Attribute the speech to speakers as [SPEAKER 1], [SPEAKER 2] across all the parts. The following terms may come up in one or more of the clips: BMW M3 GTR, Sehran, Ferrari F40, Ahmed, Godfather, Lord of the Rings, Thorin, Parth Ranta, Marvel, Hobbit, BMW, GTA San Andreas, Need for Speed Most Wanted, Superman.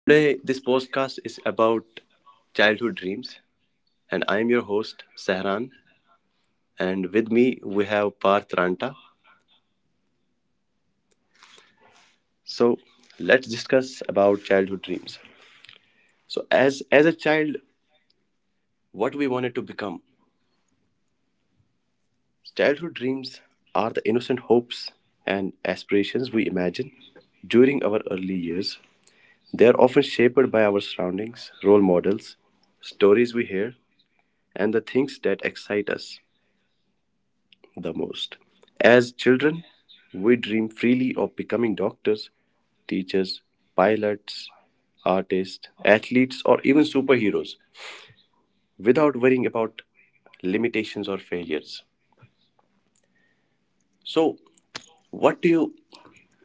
[SPEAKER 1] Today, this podcast is about childhood dreams, and I am your host, Sehran, and with me we have Parth Ranta. So, let's discuss about childhood dreams. So, as a child, what we wanted to become. Childhood dreams are the innocent hopes and aspirations we imagine during our early years. They are often shaped by our surroundings, role models, stories we hear, and the things that excite us the most. As children, we dream freely of becoming doctors, teachers, pilots, artists, athletes, or even superheroes without worrying about limitations or failures. So, what do you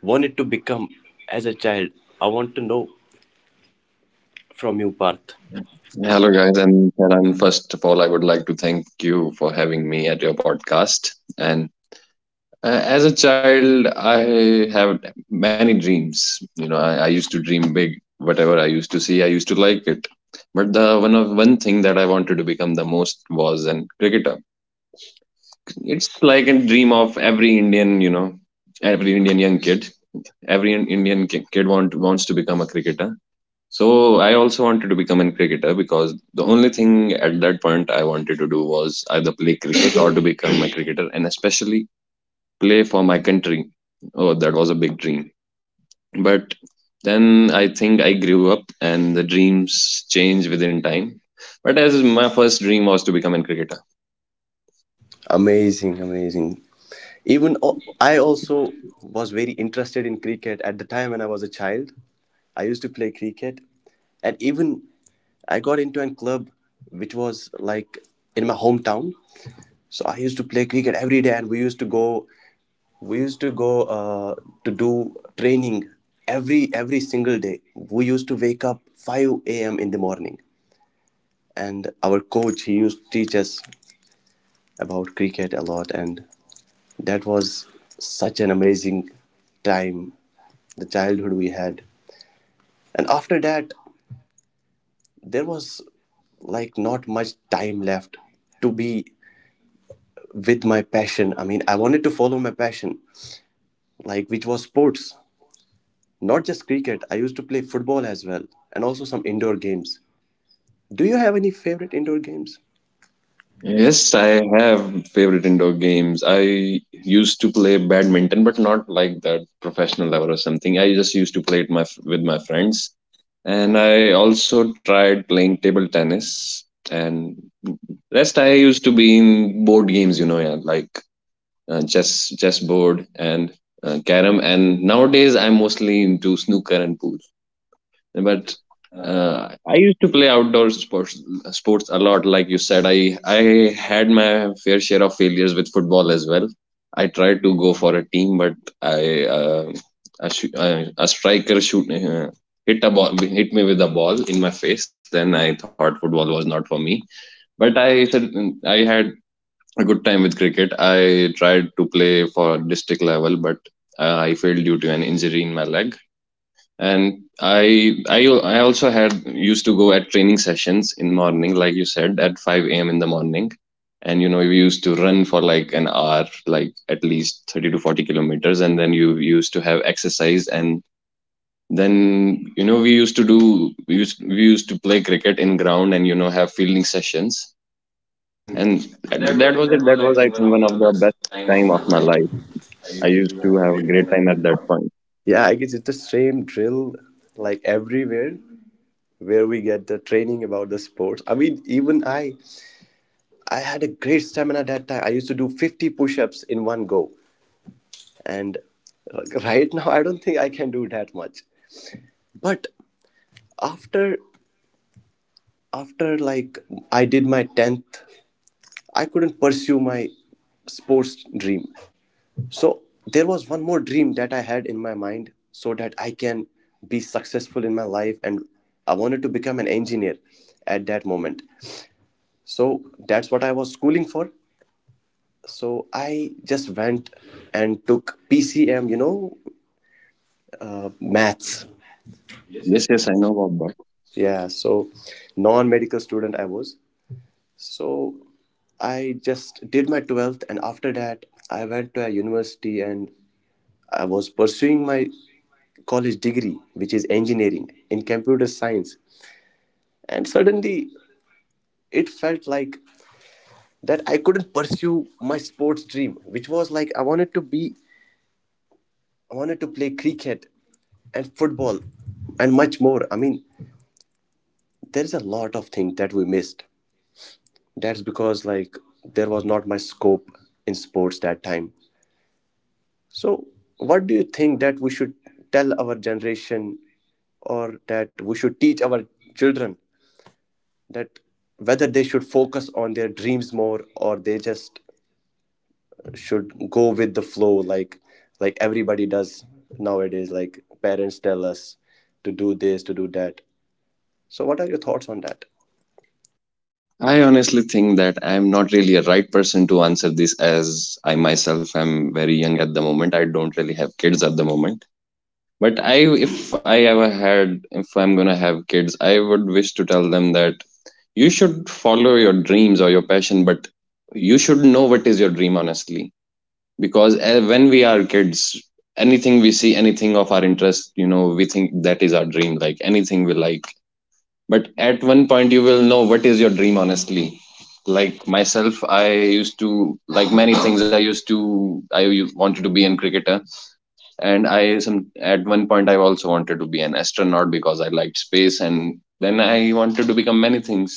[SPEAKER 1] wanted to become as a child? I want to know from you,
[SPEAKER 2] Hello,
[SPEAKER 1] Parth.
[SPEAKER 2] guys, and Tehran, first of all, I would like to thank you for having me at your podcast. And as a child, I have many dreams. I used to dream big. Whatever I used to see, I used to like it. But the one of one thing that I wanted to become the most was an cricketer. It's like a dream of every Indian. Every Indian young kid. Every Indian kid wants to become a cricketer. So I also wanted to become a cricketer because the only thing at that point I wanted to do was either play cricket or to become a cricketer, and especially play for my country. Oh, that was a big dream. But then I think I grew up and the dreams change within time. But as my first dream was to become a cricketer.
[SPEAKER 1] Amazing, amazing. I also was very interested in cricket at the time when I was a child. I used to play cricket, and even I got into a club which was like in my hometown. So I used to play cricket every day, and we used to go to do training every single day. We used to wake up 5 a.m. in the morning, and our coach he used to teach us about cricket a lot, and that was such an amazing time, the childhood we had. And after that, there was like not much time left to be with my passion. I mean, I wanted to follow my passion, like which was sports, not just cricket. I used to play football as well, and also some indoor games. Do you have any favorite indoor games?
[SPEAKER 2] Yes, I have favorite indoor games. I used to play badminton, but not like that professional level or something. I just used to play it my with my friends, and I also tried playing table tennis. And rest, I used to be in board games, yeah, like chess, chess board, and carom. And nowadays, I'm mostly into snooker and pool, but I used to play outdoor sports a lot. Like you said, I had my fair share of failures with football as well. I tried to go for a team, but I a striker shoot hit me with a ball in my face. Then I thought football was not for me. But I said I had a good time with cricket. I tried to play for district level, but I failed due to an injury in my leg. And I also had used to go at training sessions in morning, like you said, at 5 a.m. in the morning, and we used to run for like an hour, like at least 30 to 40 kilometers. And then you used to have exercise, and then we used to do we used to play cricket in ground and have fielding sessions.
[SPEAKER 1] And
[SPEAKER 2] And that
[SPEAKER 1] that
[SPEAKER 2] that
[SPEAKER 1] was it.
[SPEAKER 2] was
[SPEAKER 1] That
[SPEAKER 2] it.
[SPEAKER 1] was,
[SPEAKER 2] That was,
[SPEAKER 1] I
[SPEAKER 2] I
[SPEAKER 1] think, one
[SPEAKER 2] think,
[SPEAKER 1] of
[SPEAKER 2] one of
[SPEAKER 1] the
[SPEAKER 2] the
[SPEAKER 1] best
[SPEAKER 2] best
[SPEAKER 1] time of
[SPEAKER 2] time of
[SPEAKER 1] my
[SPEAKER 2] my
[SPEAKER 1] life.
[SPEAKER 2] life.
[SPEAKER 1] I
[SPEAKER 2] I
[SPEAKER 1] used
[SPEAKER 2] used
[SPEAKER 1] to
[SPEAKER 2] to
[SPEAKER 1] have a
[SPEAKER 2] have a
[SPEAKER 1] great
[SPEAKER 2] great
[SPEAKER 1] time at
[SPEAKER 2] time at
[SPEAKER 1] that
[SPEAKER 2] that
[SPEAKER 1] point.
[SPEAKER 2] point.
[SPEAKER 1] Yeah, I guess it's the same drill like everywhere where we get the training about the sports. I mean, even I had a great stamina that time. I used to do 50 push-ups in one go. And like, right now I don't think I can do that much. But after after like I did my 10th, I couldn't pursue my sports dream. So there was one more dream that I had in my mind so that I can be successful in my life and I wanted to become an engineer at that moment. So that's what I was schooling for. So I just went and took PCM, you know, maths.
[SPEAKER 2] Yes, yes, I know about.
[SPEAKER 1] Yeah, so non medical student I was. So I just did my 12th, and after that, I went to a university and I was pursuing my college degree, which is engineering in computer science. And suddenly it felt like that I couldn't pursue my sports dream, which was like I wanted to play cricket and football and much more. I mean, there is a lot of things that we missed. That's because like there was not much scope in sports that time. So, what do you think that we should tell our generation or that we should teach our children that whether they should focus on their dreams more or they just should go with the flow like everybody does nowadays, like parents tell us to do this, to do that. So what are your thoughts on that?
[SPEAKER 2] I honestly think that I'm not really a right person to answer this as I myself am very young at the moment. I don't really have kids at the moment. But I if I'm going to have kids, I would wish to tell them that you should follow your dreams or your passion, but you should know what is your dream honestly. Because when we are kids, anything we see, anything of our interest, we think that is our dream, like anything we like. But at one point you will know what is your dream honestly. Like myself, I used to like many things. I wanted to be an cricketer. And I some at one point I also wanted to be an astronaut because I liked space. And then I wanted to become many things.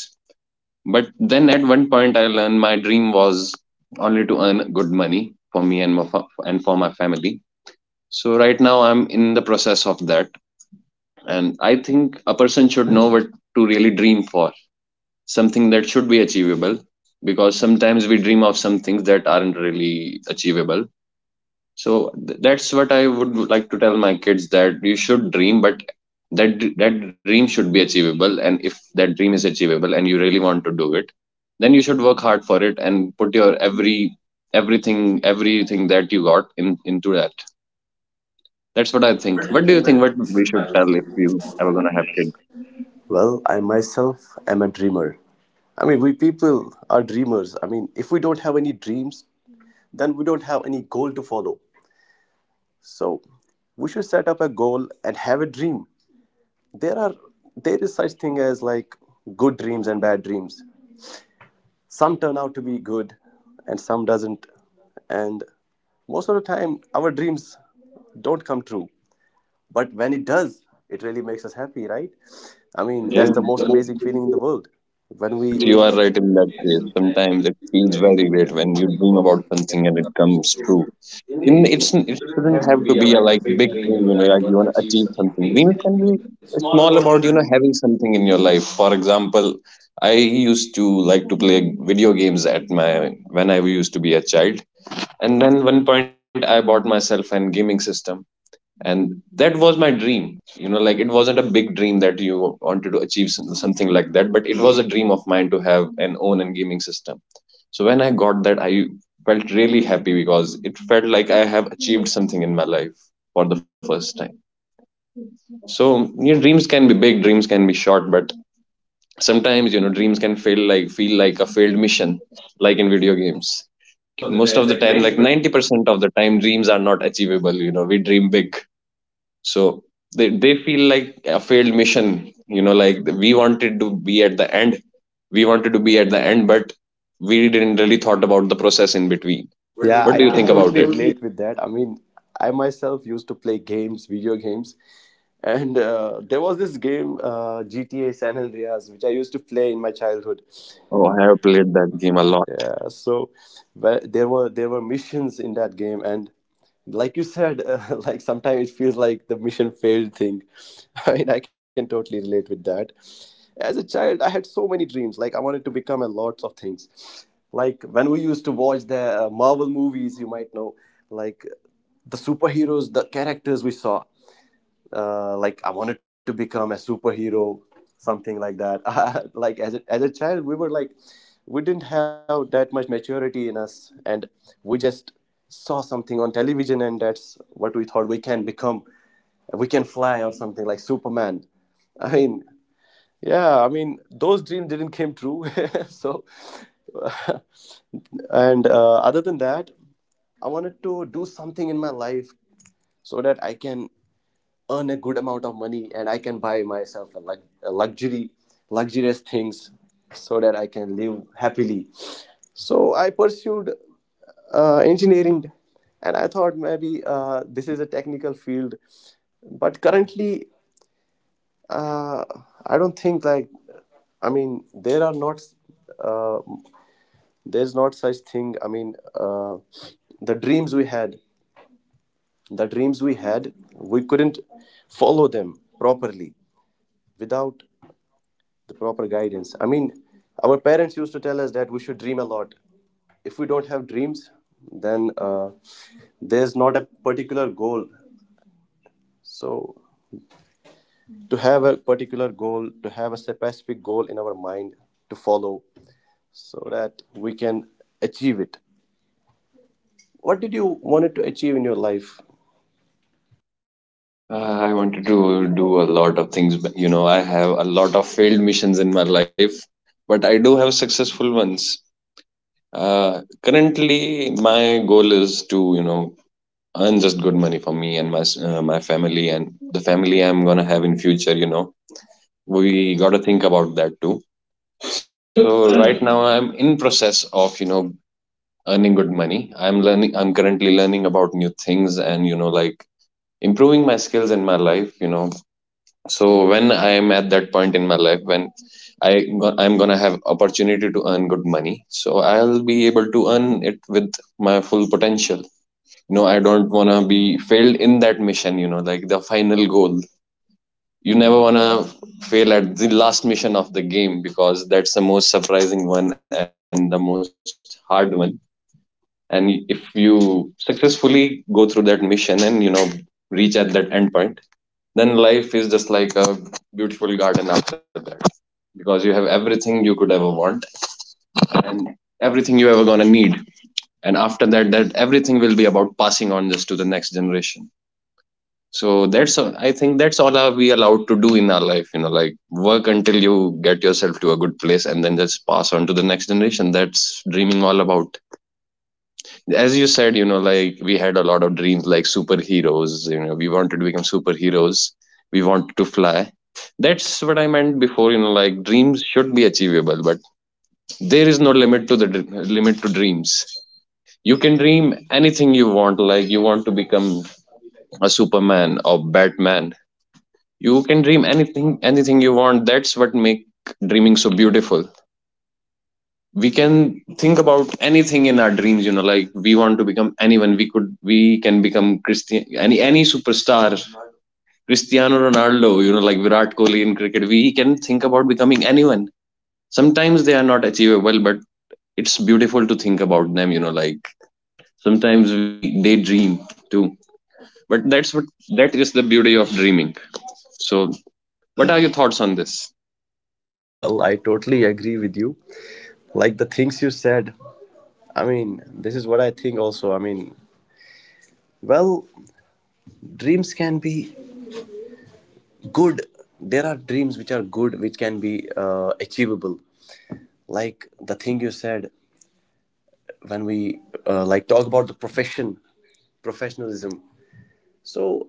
[SPEAKER 2] But then at one point I learned my dream was only to earn good money for me and for my family. So right now I'm in the process of that. And I think a person should know what to really dream for, something that should be achievable, because sometimes we dream of some things that aren't really achievable. So that's what I would like to tell my kids, that you should dream, but that that dream should be achievable. And if that dream is achievable and you really want to do it, then you should work hard for it and put your everything that you got in into that. That's what I think.
[SPEAKER 1] Where do
[SPEAKER 2] What
[SPEAKER 1] you
[SPEAKER 2] do you
[SPEAKER 1] think
[SPEAKER 2] think what we
[SPEAKER 1] research
[SPEAKER 2] should tell
[SPEAKER 1] values
[SPEAKER 2] if you
[SPEAKER 1] on
[SPEAKER 2] ever
[SPEAKER 1] that?
[SPEAKER 2] gonna have kids?
[SPEAKER 1] Well, I myself am a dreamer. I mean, we people are dreamers. I mean, if we don't have any dreams, then we don't have any goal to follow. So we should set up a goal and have a dream. there are there is such thing as like good dreams and bad dreams. Some turn out to be good and some doesn't. And most of the time our dreams don't come true, but when it does, it really makes us happy, right? I mean,
[SPEAKER 2] Yeah.
[SPEAKER 1] that's the most amazing feeling in the world when we. You
[SPEAKER 2] Yes, you are right in that
[SPEAKER 1] right
[SPEAKER 2] case. Sometimes it feels very great when you dream about
[SPEAKER 1] something it
[SPEAKER 2] something and it comes true.
[SPEAKER 1] in
[SPEAKER 2] In
[SPEAKER 1] it
[SPEAKER 2] it's it
[SPEAKER 1] shouldn't
[SPEAKER 2] shouldn't
[SPEAKER 1] have
[SPEAKER 2] have
[SPEAKER 1] to
[SPEAKER 2] to
[SPEAKER 1] be a
[SPEAKER 2] be a
[SPEAKER 1] like
[SPEAKER 2] like
[SPEAKER 1] big
[SPEAKER 2] big
[SPEAKER 1] dream, you
[SPEAKER 2] dream,
[SPEAKER 1] know, like
[SPEAKER 2] like
[SPEAKER 1] you want
[SPEAKER 2] you
[SPEAKER 1] to
[SPEAKER 2] want to
[SPEAKER 1] achieve
[SPEAKER 2] achieve
[SPEAKER 1] something.
[SPEAKER 2] something.
[SPEAKER 1] Dreams
[SPEAKER 2] Dreams
[SPEAKER 1] can
[SPEAKER 2] can be
[SPEAKER 1] be small
[SPEAKER 2] small,
[SPEAKER 1] about, you
[SPEAKER 2] about
[SPEAKER 1] know,
[SPEAKER 2] having something in your life. For example, I used to like to play video games at my when I used to be a child, and then one point I bought myself an gaming system. And that was my dream. Like it wasn't a big dream that you wanted to achieve something like that, but it was a dream of mine to have an own and gaming system. So when I got that, I felt really happy because it felt like I have achieved something in my life for the first time. So your dreams can be big, dreams can be short, but sometimes dreams can feel like a failed mission, like in video games.
[SPEAKER 1] most of the
[SPEAKER 2] Most of
[SPEAKER 1] time
[SPEAKER 2] the
[SPEAKER 1] like
[SPEAKER 2] time, like
[SPEAKER 1] 90.
[SPEAKER 2] 90% of the time, dreams are not achievable. We dream big. So they feel like a failed mission. Like we wanted to be at the end, we wanted to be at the end, but we didn't really thought about the process in between.
[SPEAKER 1] What do you. Yeah,
[SPEAKER 2] What
[SPEAKER 1] I
[SPEAKER 2] do
[SPEAKER 1] think
[SPEAKER 2] you
[SPEAKER 1] can about
[SPEAKER 2] think
[SPEAKER 1] that?
[SPEAKER 2] about
[SPEAKER 1] Totally
[SPEAKER 2] it?
[SPEAKER 1] relate with that. I mean, I myself used to play games, video games, and there was this game, GTA San Andreas, which I used to play in my childhood.
[SPEAKER 2] Oh, I have played that game a lot.
[SPEAKER 1] Yeah, so but there were missions in that game, and like you said, like sometimes it feels like the mission failed thing. I mean, I can totally relate with that. As a child, I had so many dreams. Like I wanted to become a lots of things. Like when we used to watch the Marvel movies, you might know, like the superheroes, the characters we saw. Like I wanted to become a superhero, something like that. Like as a child, we were like, we didn't have that much maturity in us, and we just saw something on television, and that's what we thought we can become. We can fly or something like Superman. I mean. Yeah, I mean, those dreams didn't came true. So, uh, and other than that, I wanted to do something in my life so that I can earn a good amount of money and I can buy myself a luxury, luxurious things so that I can live happily. So I pursued engineering, and I thought maybe this is a technical field. But currently, uh, I don't think like I mean there are not uh, there's not such thing. I mean the dreams we had, the dreams we had, we couldn't follow them properly without the proper guidance. I mean, our parents used to tell us that we should dream a lot. If we don't have dreams, then there's not a particular goal. So to have a particular goal, to have a specific goal in our mind to follow so that we can achieve it. What did you wanted to achieve in your life?
[SPEAKER 2] I wanted to do a lot of things, but I have a lot of failed missions in my life. But I do have successful ones. Currently my goal is to earn just good money for me and my family, and the family I'm gonna have in future. We got to think about that too. So right now I'm in process of earning good money. I'm currently learning about new things, and like improving my skills in my life. So when I am at that point in my life when i I'm going to have opportunity to earn good money, so I'll be able to earn it with my full potential. I don't want to be failed in that mission, like the final goal. You never want to fail at the last mission of the game because that's the most surprising one and the most hard one. And if you successfully go through that mission and reach at that end point, then life is just like a beautiful garden after that, because you have everything you could ever want and everything you ever gonna need. And after that everything will be about passing on this to the next generation. So I think that's all are we allowed to do in our life, like work until you get yourself to a good place and then just pass on to the next generation. That's dreaming all about. As you said, like we had a lot of dreams, like superheroes. We wanted to become superheroes, we wanted to fly. That's what I meant before. Like dreams should be achievable, but there is no limit to dreams. You can dream anything you want, like you want to become a Superman or Batman. You can dream anything you want. That's what make dreaming so beautiful. We can think about anything in our dreams. Like we want to become anyone. We can become christian any superstar. Cristiano Ronaldo, like Virat Kohli in cricket. We can think about becoming anyone. Sometimes they are not achievable, but it's beautiful to think about them. Like sometimes we daydream too. But that is the beauty of dreaming. So what are your thoughts on this?
[SPEAKER 1] Well, I totally agree with you. Like the things you said, I mean, this is what I think also. I mean, well, dreams can be good. There are dreams which are good, which can be achievable. Like the thing you said when we like talk about the profession, professionalism. So,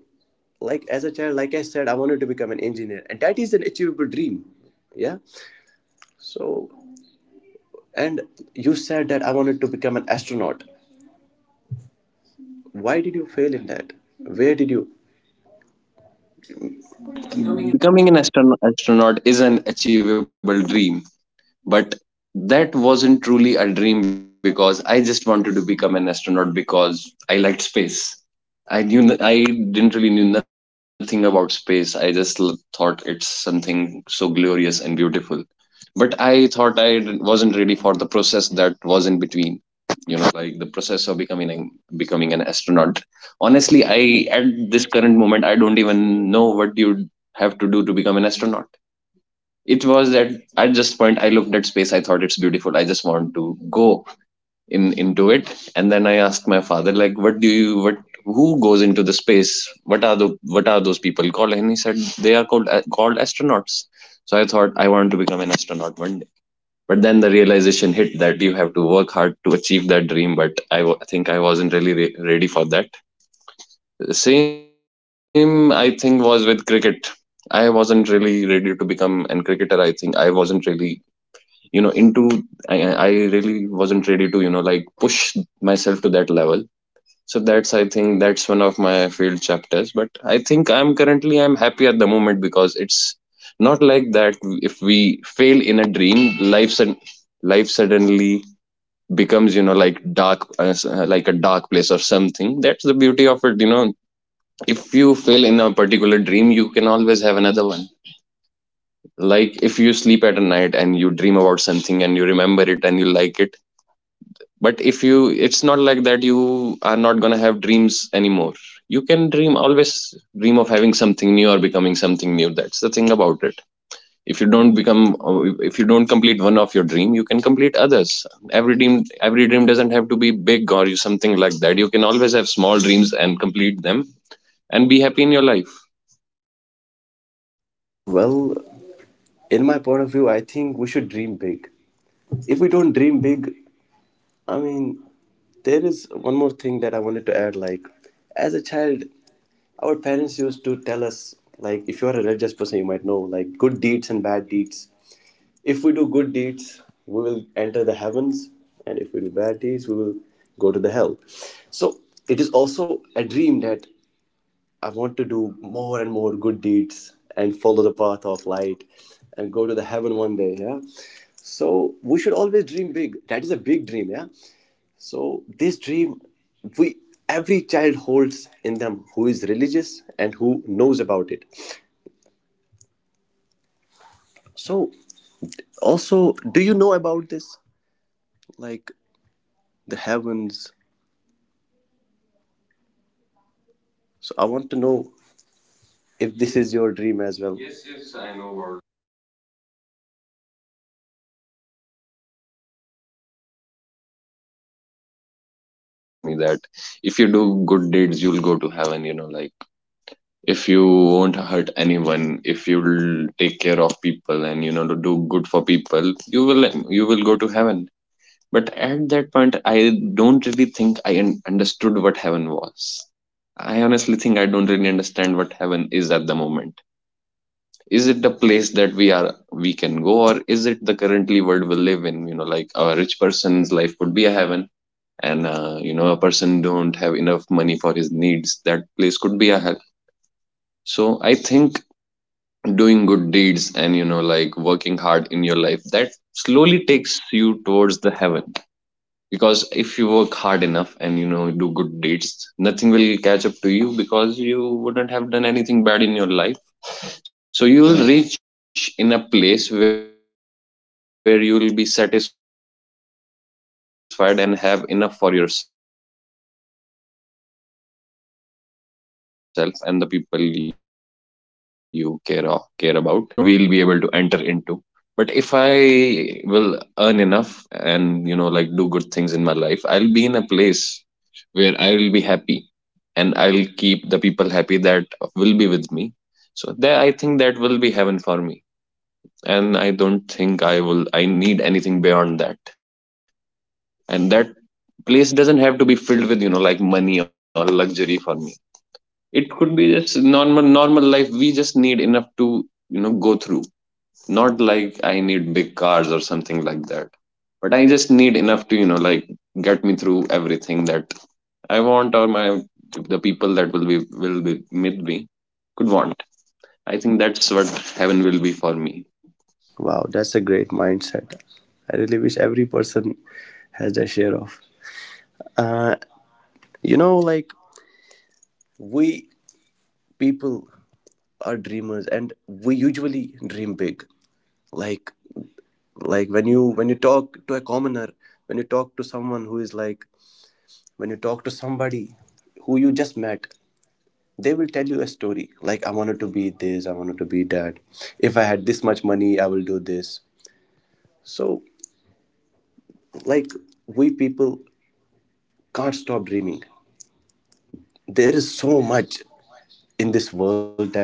[SPEAKER 1] like as a child, like I said, I wanted to become an engineer, and that is an achievable dream. Yeah. So. And you said that I wanted to become an astronaut. Why did you fail in that? Where did you?
[SPEAKER 2] Becoming an astronaut is an achievable dream, but that wasn't truly a dream because I just wanted to become an astronaut because I liked space. I didn't really knew nothing about space. I just thought it's something so glorious and beautiful. But I thought wasn't ready for the process that was in between, you know, like the process of becoming an astronaut. Honestly, I at this current moment I don't even know what you have to do to become an astronaut. It was that at this point I looked at space, I thought it's beautiful, I just want to go in into it. And then I asked my father like, what do you what who goes into the space, what are those people called? And he said they are called called astronauts. So I thought I want to become an astronaut one. But then the realization hit that you have to work hard to achieve that dream, but think I wasn't really ready for that. The same, I think, was with cricket. I wasn't really ready to become an cricketer. I think I wasn't really, you know, into, I really wasn't ready to, you know, like push myself to that level. So that's, I think that's one of my failed chapters. But I think I'm happy at the moment because it's not like that if we fail in a dream, life sud- life suddenly becomes, you know, like dark, like a dark place or something. That's the beauty of it, you know. If you fail in a particular dream, you can always have another one. Like if you sleep at a night and you dream about something and you remember it and you like it. But if you, it's not like that you are not going to have dreams anymore. You can dream always, dream of having something new or becoming something new. That's the thing about it. If you don't become, if you don't complete one of your dream, you can complete others. Every dream, every dream doesn't have to be big or you something like that. You can always have small dreams and complete them and be happy in your life.
[SPEAKER 1] Well, in my point of view, I think we should dream big. If we don't dream big, I mean, there is one more thing that I wanted to add. Like, as a child, our parents used to tell us, like, if you are a religious person, you might know, like, good deeds and bad deeds. If we do good deeds, we will enter the heavens, and if we do bad deeds, we will go to the hell. So, it is also a dream that I want to do more and more good deeds and follow the path of light and go to the heaven one day. Yeah. So we should always dream big. That is a big dream. Yeah. So this dream, we every child holds in them who is religious and who knows about it. So also, do you know about this? Like the heavens. So I want to know if this is your
[SPEAKER 2] Yeah,
[SPEAKER 1] dream as well. Yes,
[SPEAKER 2] yes,
[SPEAKER 1] yes, I
[SPEAKER 2] yes,
[SPEAKER 1] know
[SPEAKER 2] I
[SPEAKER 1] about.
[SPEAKER 2] know about that. You know, like in when I used to be very young, I when I used to be a child, my parents also used to tell me that if you do good deeds, you'll go to heaven. You know, like if you won't hurt anyone, if you'll take care of people and, you know, to do good for people, you will go to heaven. But at that point I don't really think I understood what heaven was. I honestly think I don't really understand what heaven is at the moment. Is it the place that we can go, or is it the currently world we live in? You know, like a rich person's life could be a heaven, and you know, a person don't have enough money for his needs, that place could be a hell. So I think doing good deeds and, you know, like working hard in your life, that slowly takes you towards the heaven. Because if you work hard enough and, you know, do good deeds, nothing will catch up to you because you wouldn't have done anything bad in your life. So you will reach in a place where you will be satisfied and have enough for yourself and the people you care about. So I think that will be an heaven for me. I don't think it will be a place like a grand place, something that we'll be able to enter into. But if I will earn enough and, you know, like do good things in my life, I'll be in a place where I'll be happy and I'll keep the people happy that will be with me. So there, I think that will be heaven for me. And I don't think I need anything beyond that. And that place doesn't have to be filled with, you know, like money or luxury for me. It could be just normal life. We just need enough to, you know, go through. Not like I need big cars or something like that, but I just need enough to, you know, like get me through everything that I want, or my, the people that will be with me could want. I think that's what heaven will be for me.
[SPEAKER 1] Wow, that's a great mindset. I really wish every person has their share of. Uh, you know, like we people are dreamers, and we usually dream big. Like, like when you talk to a commoner, when you talk to someone who is like, when you talk to somebody who you just met, they will tell you a story. Like, I wanted to be this, I wanted to be that. If I had this much money, I will do this. So, like, we people can't stop dreaming. There is so much in this world that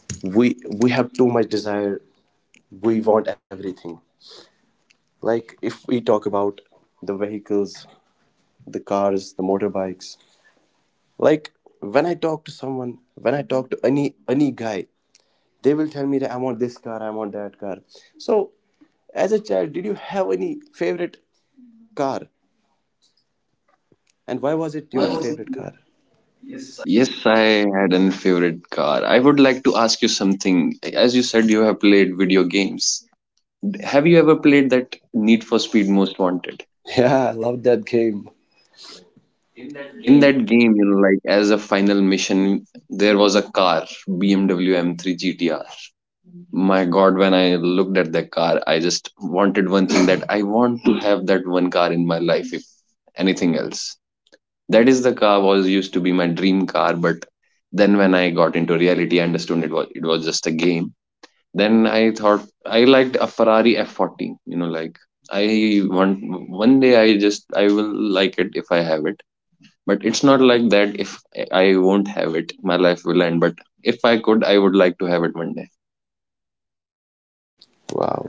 [SPEAKER 1] we we have too much desire. We want everything. Like if we talk about the vehicles, the cars, the motorbikes, like when I talk to someone, when I talk to any guy, they will tell me that I want this car, I want that car. So as a child, did you have any favorite car, and why was it
[SPEAKER 2] And why
[SPEAKER 1] your
[SPEAKER 2] was it?
[SPEAKER 1] favorite car? Yes.
[SPEAKER 2] Yes, I had an favorite car. I would like to ask you something. As you said you have played video games, have you ever played that Need for Speed Most Wanted?
[SPEAKER 1] Yeah, I love that game.
[SPEAKER 2] In that game, you know, like as a final mission, there was a car, BMW M3 gtr. My god, when I looked at that car, I just wanted one thing, that I want to have that one car in my life. If anything else, that is the car, was used to be my dream car. But then when I got into reality, I understood it was, it was just a game. Then I thought I liked a Ferrari F40, you know, like I want, one day I just, I will like it if I have it. But it's not like that, if I won't have it my life will end. But if I could, I would like to have it one day.
[SPEAKER 1] Wow.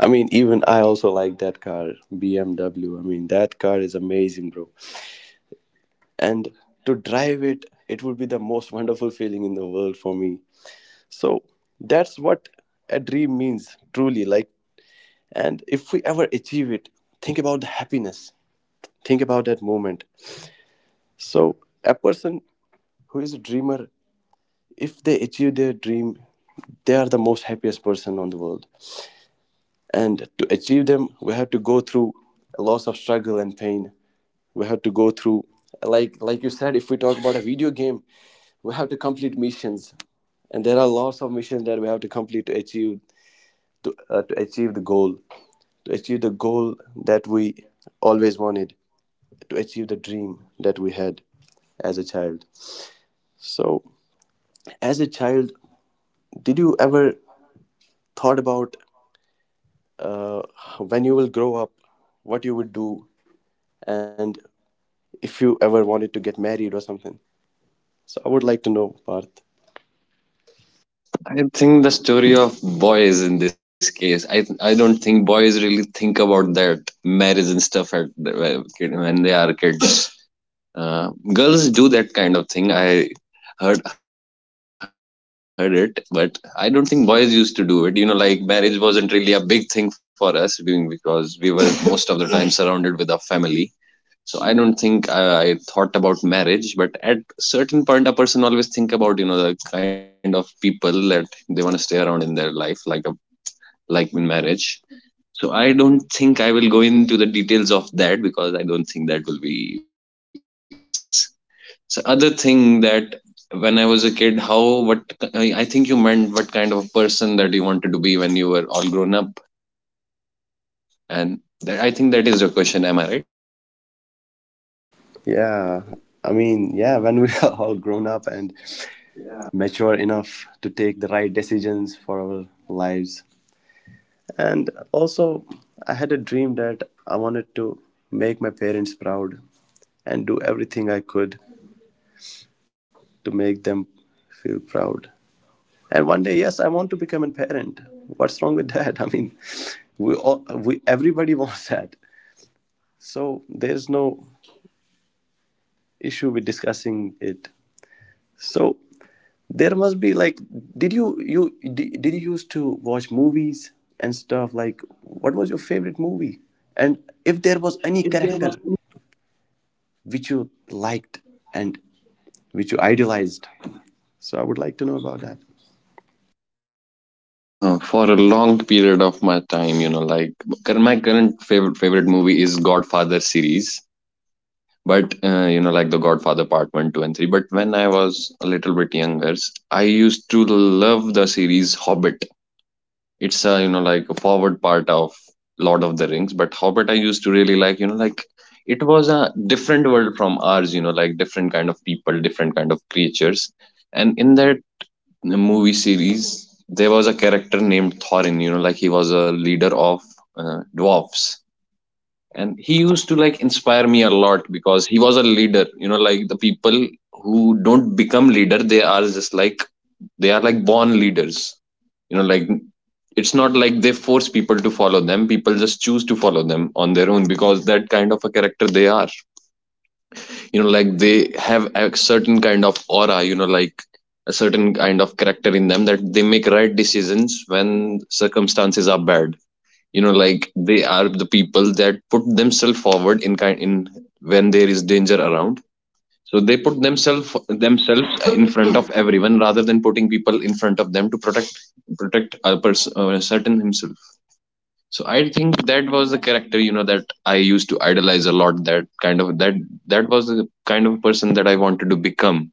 [SPEAKER 1] I mean, even I also like that car, BMW. I mean, that car is amazing, bro. And to drive it, it would be the most wonderful feeling in the world for me. So that's what a dream means, truly. Like, and if we ever achieve it, think about the happiness. Think about that moment. So a person who is a dreamer, if they achieve their dream, they are the most happiest person on the world. And to achieve them, we have to go through a lots of struggle and pain. We have to go through, like you said, if we talk about a video game, we have to complete missions, and there are lots of missions that we have to complete to achieve, to achieve the goal, to achieve the goal that we always wanted, to achieve the dream that we had as a child. So as a child, did you ever thought about when you will grow up what you would do, and if you ever wanted to get married or something? So I would like to know, Parth.
[SPEAKER 2] I think the story of boys, in this case, I don't think boys really think about that marriage and stuff at when they are kids. uh, Girls do that kind of thing, I heard it. But I don't think boys used to do it. You know, like marriage wasn't really a big thing for us being, because we were most of the time surrounded with our family. So I don't think I thought about marriage, but at certain point a person always think about, you know, the kind of people that they want to stay around in their life, like a, like in marriage. So I don't think I will go into the details of that, because I don't think that will be comfortable for both of us. So other thing that when I was a kid, how, what, I think you meant what kind of person that you wanted to be when you were all grown up. And that, I think that is your question, am I right?
[SPEAKER 1] Yeah, I
[SPEAKER 2] Yeah.
[SPEAKER 1] mean, yeah, when we are all grown up and mature enough to take the right decisions for our lives. And also, I had a dream that I wanted to make my parents proud and do everything I could to make them feel proud. And one day, yes, I want to become a parent. What's wrong with that? I mean, we everybody wants that. So there's no issue with discussing it. So there must be like, did you did you used to watch movies and stuff? Like, what was your favorite movie, and if there was any
[SPEAKER 2] If there.
[SPEAKER 1] character which you liked and which you idolized? So I would like to know about that.
[SPEAKER 2] For a long period of my time, you know, like my current favorite movie is Godfather series, but you know, like the Godfather Part One, Two, and Three. But when I was a little bit younger, I used to love the series Hobbit. It's a, you know, like a forward part of Lord of the Rings, but Hobbit I used to really like. You know, like it was a different world from ours. You know, like different kind of people, different kind of creatures, and in that the movie series, there was a character named Thorin, you know, like he was a leader of dwarfs. And he used to like inspire me a lot because he was a leader. You know, like the people who don't become leader, they are just like, they are like born leaders. You know, like it's not like they force people to follow them. People just choose to follow them on their own, because that kind of a character they are. You know, like they have a certain kind of aura, you know, like a certain kind of character in them, that they make right decisions when circumstances are bad. You know, like they are the people that put themselves forward in kind in when there is danger around. So they put themselves in front of everyone rather than putting people in front of them to protect a person, certain himself. So I think that was the character, you know, that I used to idolize a lot. That kind of that, that was the kind of person that I wanted to become.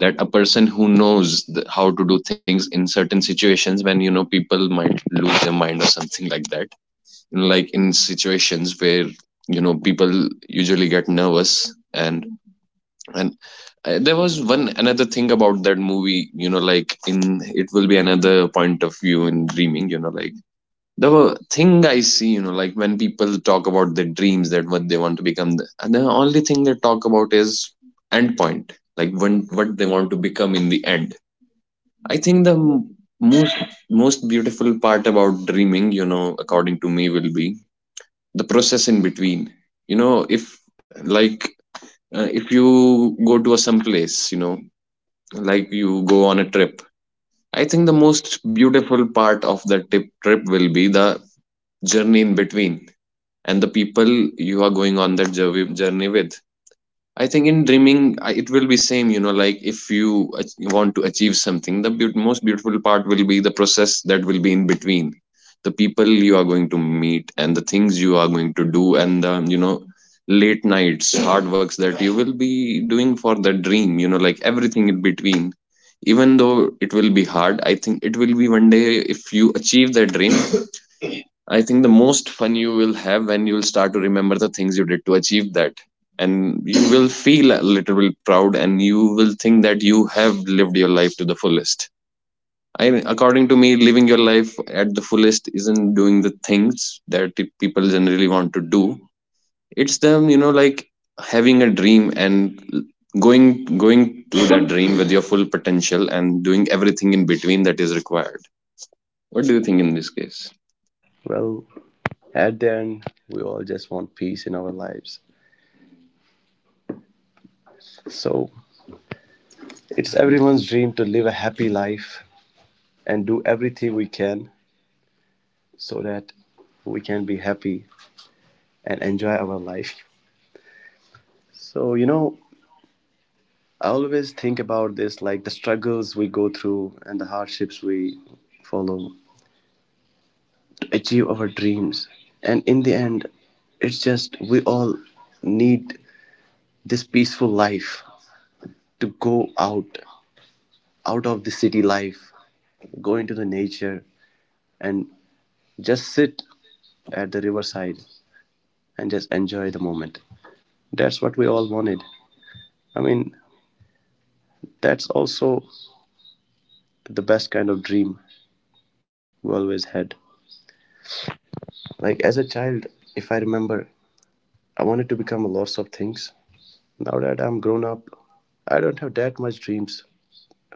[SPEAKER 2] That, a person who knows how to do things in certain situations when, you know, people might lose their mind or something like that. Like in situations where, you know, people usually get nervous and there was one another thing about that movie. You know, like in, it will be another point of view in dreaming. You know, like the thing I see, you know, like when people talk about their dreams, that what they want to become, and the only thing they talk about is end point, like when, what they want to become in the end. I think the most beautiful part about dreaming, you know, according to me, will be the process in between. You know, if, like, if you go to a some place, you know, like you go on a trip. I think the most beautiful part of trip will be the journey in between, and the people you are going on that journey with. I think in dreaming, it will be same. You know, like if you want to achieve something, the most beautiful part will be the process that will be in between, the people you are going to meet and the things you are going to do, and the, you know, late nights hard works that you will be doing for the dream. You know, like everything in between, even though it will be hard, I think it will be one day, if you achieve that dream, I think the most fun you will have when you'll start to remember the things you did to achieve that. And you will feel a little bit proud and you will think that you have lived your life to the fullest. I, according to me, living your life at the fullest isn't doing the things that people generally want to do. It's them, you know, like having a dream and going to that dream with your full potential and doing everything in between that is required. What do you think in this case?
[SPEAKER 1] Well, at the end, we all just want peace in our lives. So it's everyone's dream to live a happy life and do everything we can so that we can be happy and enjoy our life. So, you know, I always think about this, like the struggles we go through and the hardships we follow to achieve our dreams. And in the end, it's just we all need this peaceful life, to go out, out of the city life, go into the nature and just sit at the riverside and just enjoy the moment. That's what we all wanted. I mean, that's also the best kind of dream we always had. Like as a child, if I remember, I wanted to become lots of things. Now that I'm grown up, I don't have that much dreams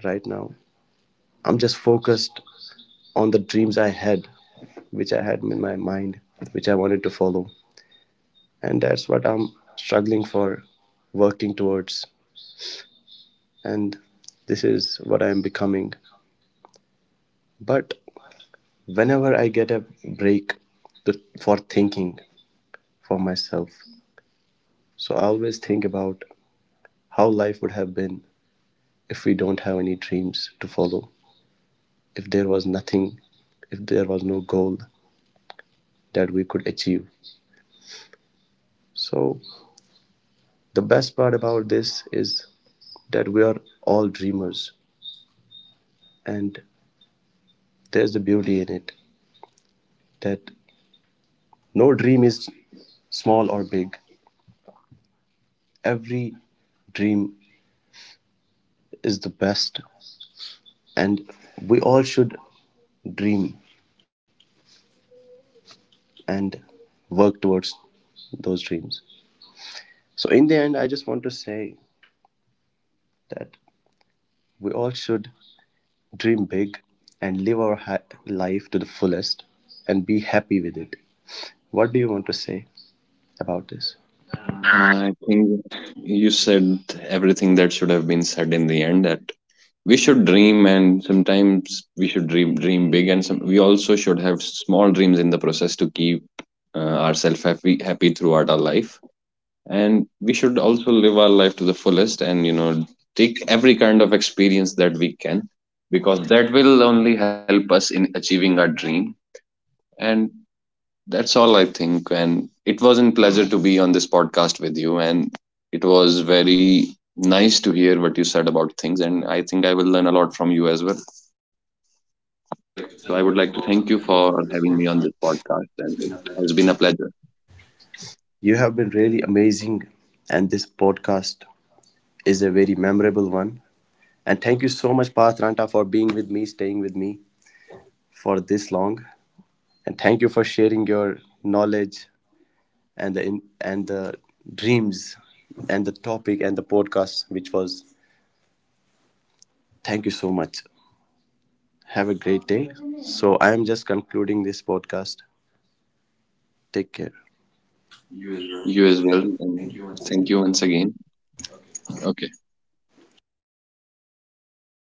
[SPEAKER 1] right now. I'm just focused on the dreams I had, which I had in my mind, which I wanted to follow. And that's what I'm struggling for, working towards. And this is what I'm becoming. But whenever I get a break to, for thinking for myself, so I always think about how life would have been if we don't have any dreams to follow, if there was nothing, if there was no goal that we could achieve. So the best part about this is that we are all dreamers, and there's the beauty in it, that no dream is small or big. Every dream is the best, and we all should dream and work towards those dreams. So, in the end, I just want to say that we all should dream big and live our life to the fullest and be happy with it. What do you want to say about this?
[SPEAKER 2] I think you said everything that should have been said in the end. That we should dream, and sometimes we should dream big, and some, we also should have small dreams in the process to keep uh, ourselves happy throughout our life. And we should also live our life to the fullest and, you know, take every kind of experience that we can, because that will only help us in achieving our dream. And that's all I think. And it was a pleasure to be on this podcast with you. And it was very nice to hear what you said about things. And I think I will learn a lot from you as well.
[SPEAKER 1] I would like
[SPEAKER 2] So
[SPEAKER 1] to
[SPEAKER 2] I would
[SPEAKER 1] thank
[SPEAKER 2] like to
[SPEAKER 1] you
[SPEAKER 2] thank you
[SPEAKER 1] for
[SPEAKER 2] for
[SPEAKER 1] having me on this
[SPEAKER 2] having me on this
[SPEAKER 1] podcast.
[SPEAKER 2] podcast. And
[SPEAKER 1] It's
[SPEAKER 2] it
[SPEAKER 1] been a
[SPEAKER 2] has
[SPEAKER 1] pleasure.
[SPEAKER 2] been a pleasure.
[SPEAKER 1] You have been really amazing, and this podcast is a very memorable one. And thank you so much, Pathranta, for being with me, staying with me for this long. And thank you for sharing your knowledge and the and the dreams and the topic and the podcast, which was. Thank you so much. Have a great day. So I am just concluding this podcast. Take care. You as
[SPEAKER 2] You as
[SPEAKER 1] well.
[SPEAKER 2] well. And
[SPEAKER 1] Thank you once
[SPEAKER 2] thank you
[SPEAKER 1] again.
[SPEAKER 2] once again. Okay.